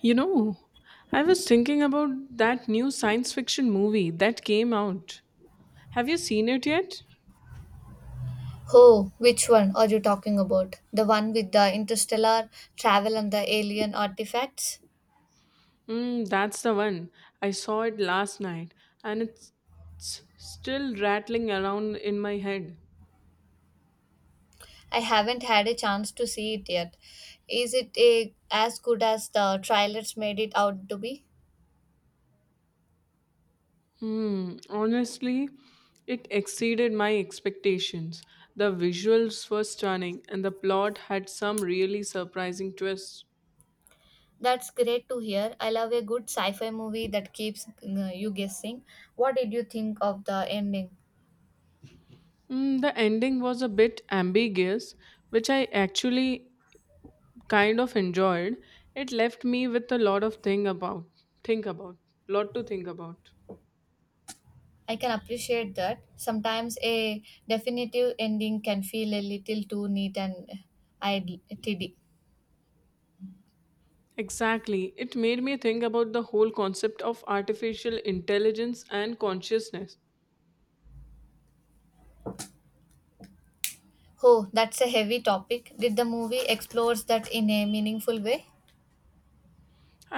You know, I was thinking about that new science fiction movie that came out. Have you seen it yet? Oh, which one are you talking about? The one with the interstellar travel and the alien artifacts? That's the one. I saw it last night and it's still rattling around in my head. I haven't had a chance to see it yet. Is it as good as the trailers made it out to be? Honestly, it exceeded my expectations. The visuals were stunning and the plot had some really surprising twists. That's great to hear. I love a good sci fi movie that keeps you guessing. What did you think of the ending? The ending was a bit ambiguous, which I actually kind of enjoyed. It left me with a lot of thing about think about lot to think about. I can appreciate that. Sometimes a definitive ending can feel a little too neat and idle- tiddy. Exactly, it made me think about the whole concept of artificial intelligence and consciousness. Oh, that's a heavy topic. Did the movie explores that in a meaningful way?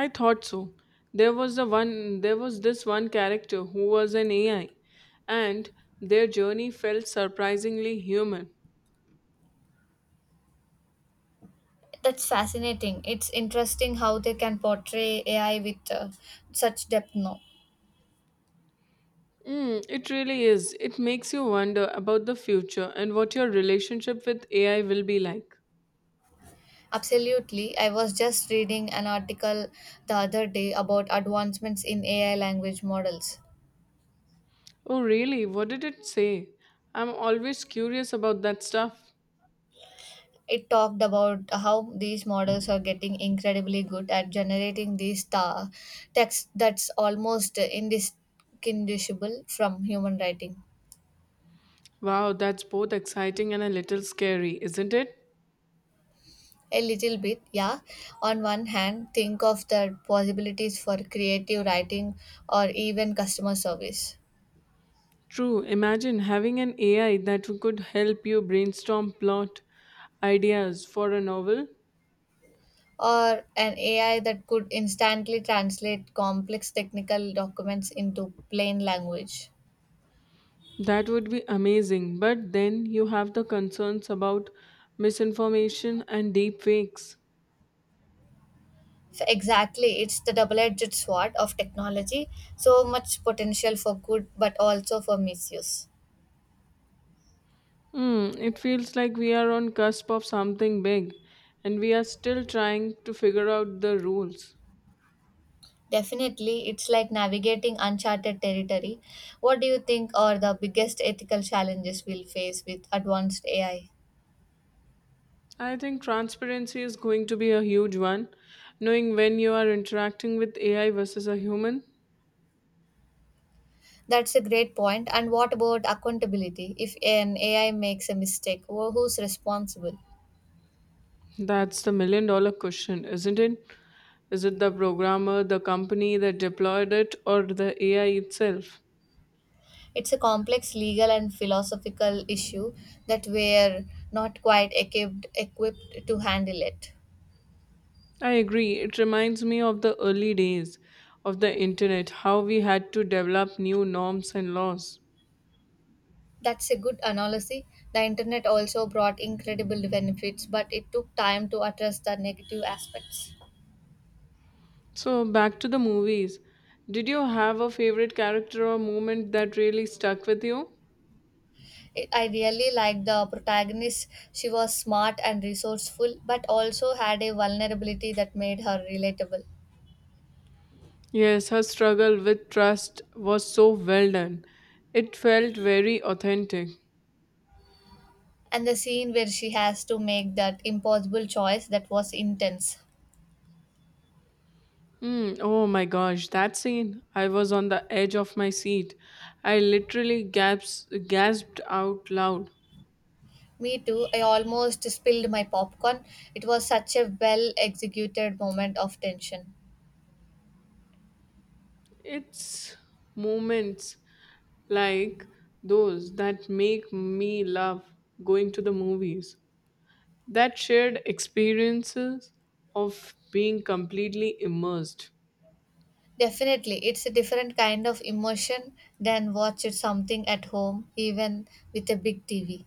I thought so. There was this one character who was an AI, and their journey felt surprisingly human. That's fascinating. It's interesting how they can portray AI with such depth now. It really is. It makes you wonder about the future and what your relationship with AI will be like. Absolutely. I was just reading an article the other day about advancements in AI language models. Oh, really? What did it say? I'm always curious about that stuff. It talked about how these models are getting incredibly good at generating these text that's almost indistinguishable from human writing. Wow, that's both exciting and a little scary, isn't it? A little bit, yeah. On one hand, think of the possibilities for creative writing or even customer service. True. Imagine having an AI that could help you brainstorm plot ideas for a novel. Or an AI that could instantly translate complex technical documents into plain language. That would be amazing. But then you have the concerns about misinformation and deep fakes. So exactly, it's the double edged sword of technology. So much potential for good, but also for misuse. It feels like we are on cusp of something big, and we are still trying to figure out the rules. Definitely, it's like navigating uncharted territory. What do you think are the biggest ethical challenges we'll face with advanced AI? I think transparency is going to be a huge one. Knowing when you are interacting with AI versus a human, That's a great point. And what about accountability? If an AI makes a mistake, who's responsible? that's the million dollar question, isn't it? Is it the programmer, the company that deployed it, or the AI itself? It's a complex legal and philosophical issue that we're not quite equipped to handle it. I agree. It reminds me of the early days of the internet, how we had to develop new norms and laws. That's a good analogy. The internet also brought incredible benefits, but it took time to address the negative aspects. So, back to the movies. Did you have a favorite character or moment that really stuck with you? I really liked the protagonist. She was smart and resourceful, but also had a vulnerability that made her relatable. Yes, her struggle with trust was so well done. It felt very authentic. And the scene where she has to make that impossible choice, that was intense. Oh my gosh, that scene. I was on the edge of my seat. I literally gasped out loud. Me too, I almost spilled my popcorn. It was such a well executed moment of tension. It's moments like those that make me love going to the movies. That shared experiences of being completely immersed. Definitely, it's a different kind of emotion than watch it something at home, even with a big TV.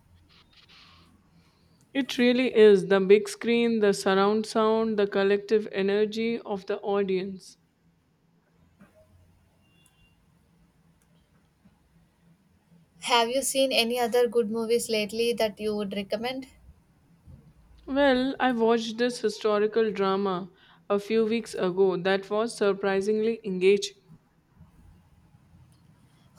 It really is the big screen, the surround sound, the collective energy of the audience. Have you seen any other good movies lately that you would recommend? Well, I watched this historical drama a few weeks ago that was surprisingly engaging.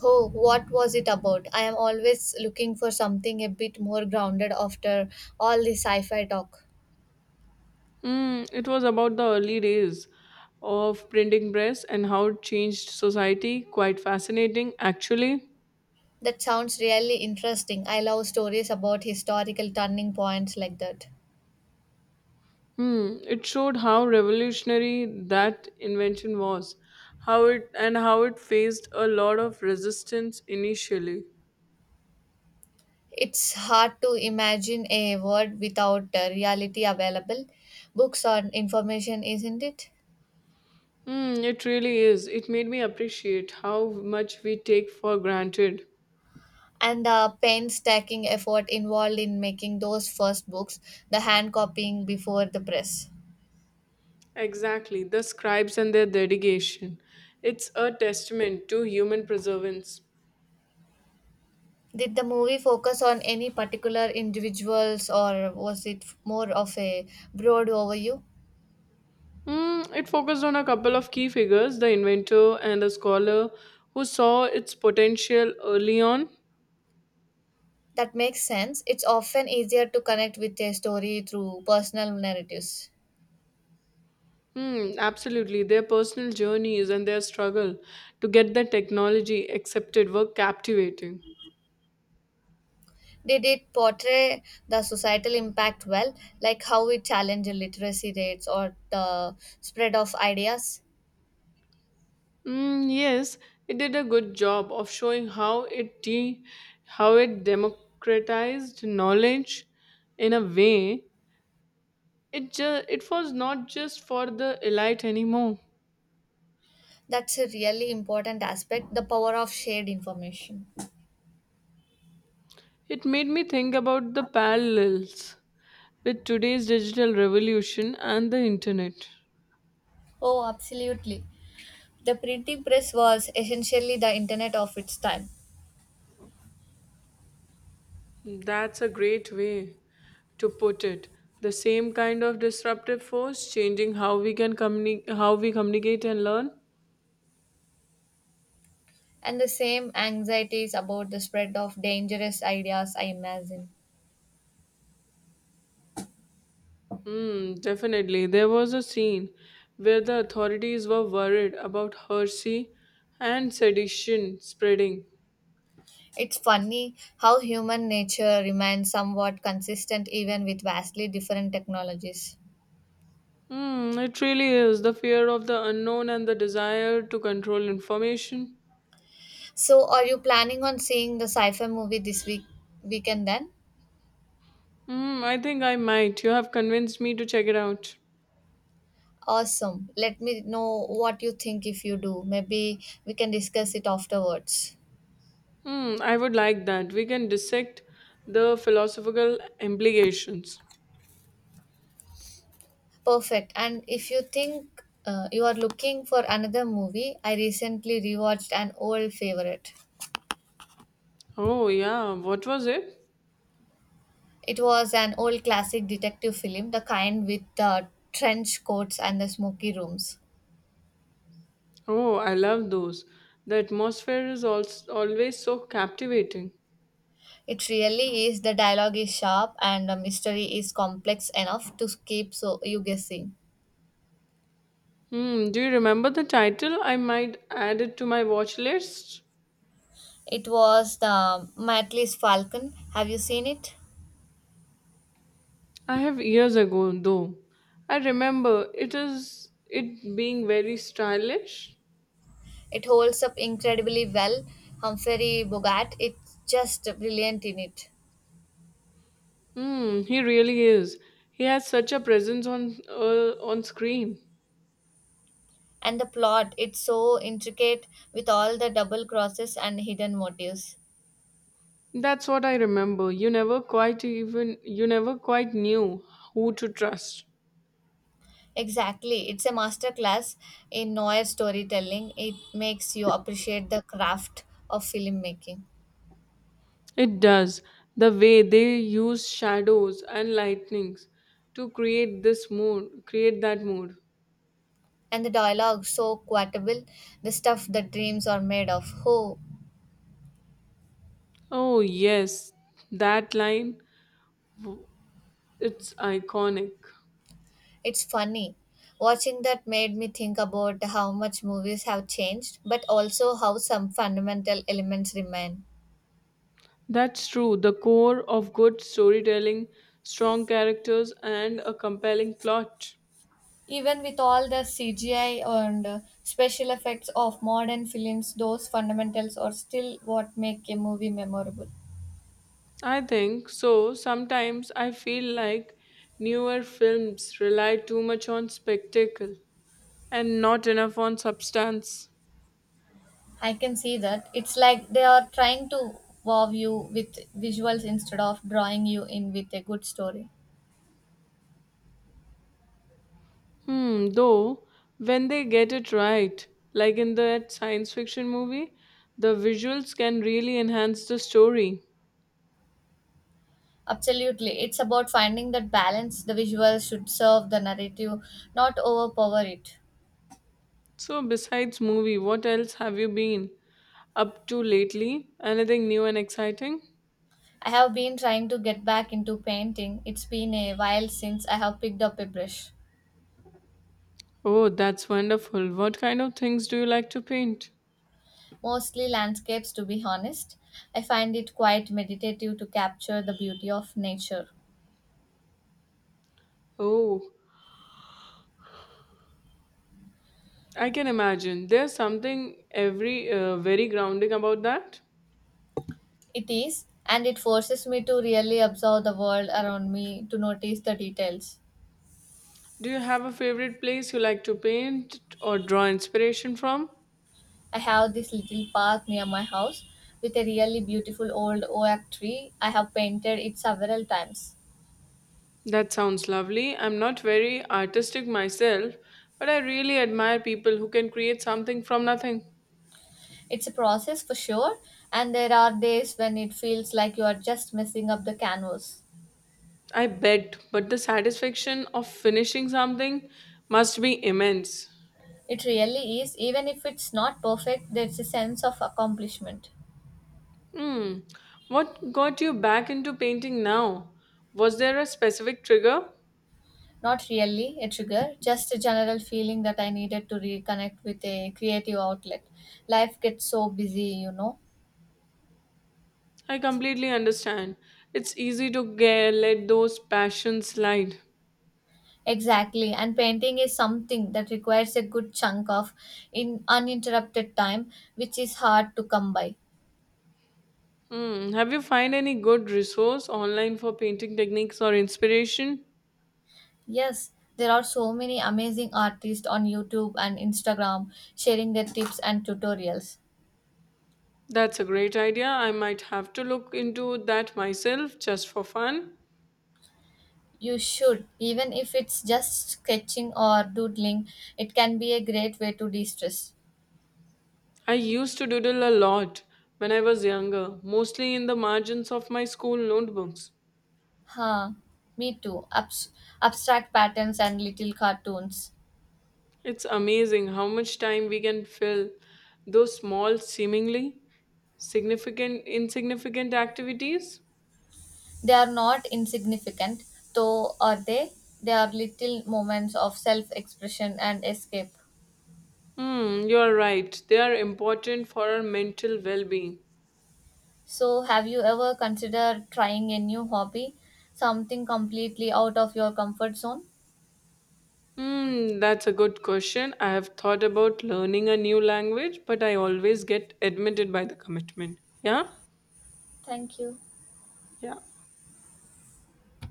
Oh, what was it about? I am always looking for something a bit more grounded after all the sci-fi talk. It was about the early days of printing press and how it changed society. Quite fascinating, actually. That sounds really interesting. I love stories about historical turning points like that. It showed how revolutionary that invention was, how it faced a lot of resistance initially. It's hard to imagine a world without reality available, books or information, isn't it? It really is. It made me appreciate how much we take for granted. And the painstaking effort involved in making those first books, the hand copying before the press. Exactly, the scribes and their dedication. It's a testament to human perseverance. Did the movie focus on any particular individuals, or was it more of a broad overview? It focused on a couple of key figures, the inventor and a scholar who saw its potential early on. That makes sense. It's often easier to connect with a story through personal narratives. Absolutely. Their personal journeys and their struggle to get the technology accepted were captivating. Did it portray the societal impact well, like how it challenged literacy rates or the spread of ideas? Yes, it did a good job of showing how it democratized knowledge in a way. It was not just for the elite anymore. That's a really important aspect, the power of shared information. It made me think about the parallels with today's digital revolution and the internet. Oh, absolutely. The printing press was essentially the internet of its time, That's a great way to put it. The same kind of disruptive force changing how we communicate and learn. and the same anxieties about the spread of dangerous ideas, I imagine. Definitely. There was a scene where the authorities were worried about heresy and sedition spreading. It's funny how human nature remains somewhat consistent even with vastly different technologies. It really is the fear of the unknown and the desire to control information. So, are you planning on seeing the sci-fi movie this weekend then? I think I might. You have convinced me to check it out. Awesome. Let me know what you think if you do. Maybe we can discuss it afterwards. I would like that. We can dissect the philosophical implications. Perfect. And if you think you are looking for another movie, I recently rewatched an old favorite. Oh, yeah. What was it? It was an old classic detective film, the kind with the trench coats and the smoky rooms. Oh, I love those. The atmosphere is also always so captivating. It really is. The dialogue is sharp and the mystery is complex enough to keep so you guessing. Do you remember the title? I might add it to my watch list. It was the Matley's Falcon. Have you seen it? I have, years ago though. I remember it being very stylish. It holds up incredibly well. Humphrey Bogart, it's just brilliant in it. He really is. He has such a presence on screen. And the plot, it's so intricate with all the double crosses and hidden motives. That's what I remember. You never quite knew who to trust. Exactly, it's a masterclass in noir storytelling. It makes you appreciate the craft of filmmaking. It does. The way they use shadows and lightnings to create that mood. And the dialogue, so quotable. The stuff that dreams are made of. Oh, Oh, yes, that line, w- it's iconic. it's funny, watching that made me think about how much movies have changed, but also how some fundamental elements remain. That's true. The core of good storytelling, strong characters, and a compelling plot. Even with all the CGI and special effects of modern films, those fundamentals are still what make a movie memorable. I think so. Sometimes I feel like newer films rely too much on spectacle and not enough on substance. I can see that. It's like they are trying to wow you with visuals instead of drawing you in with a good story. Though, when they get it right, like in that science fiction movie, the visuals can really enhance the story. Absolutely. It's about finding that balance. The visuals should serve the narrative, not overpower it. So, besides movie, what else have you been up to lately? Anything new and exciting? I have been trying to get back into painting. It's been a while since I have picked up a brush. Oh, that's wonderful. What kind of things do you like to paint? Mostly landscapes, to be honest. I find it quite meditative to capture the beauty of nature. Oh, I can imagine. There's something every very grounding about that. It is, and it forces me to really observe the world around me, to notice the details. Do you have a favorite place you like to paint or draw inspiration from? I have this little park near my house with a really beautiful old oak tree. I have painted it several times. That sounds lovely. I'm not very artistic myself, but I really admire people who can create something from nothing. It's a process for sure, and there are days when it feels like you are just messing up the canvas. I bet, but the satisfaction of finishing something must be immense. It really is. Even if it's not perfect, there's a sense of accomplishment. Hmm, what got you back into painting now? Was there a specific trigger? Not really a trigger, just a general feeling that I needed to reconnect with a creative outlet. Life gets so busy, you know. I completely understand. It's easy to let those passions slide. Exactly, and painting is something that requires a good chunk of in uninterrupted time, which is hard to come by. Have you find any good resource online for painting techniques or inspiration? Yes, there are so many amazing artists on YouTube and Instagram sharing their tips and tutorials. That's a great idea. I might have to look into that myself just for fun. You should, even if it's just sketching or doodling, it can be a great way to de stress. I used to doodle a lot when I was younger, mostly in the margins of my school notebooks. Huh, me too. Abstract patterns and little cartoons. It's amazing how much time we can fill those small, insignificant activities. They are not insignificant, though, are they? They are little moments of self expression and escape. You are right. They are important for our mental well-being. So, have you ever considered trying a new hobby? Something completely out of your comfort zone? That's a good question. I have thought about learning a new language, but I always get admitted by the commitment. Yeah? Thank you. Yeah.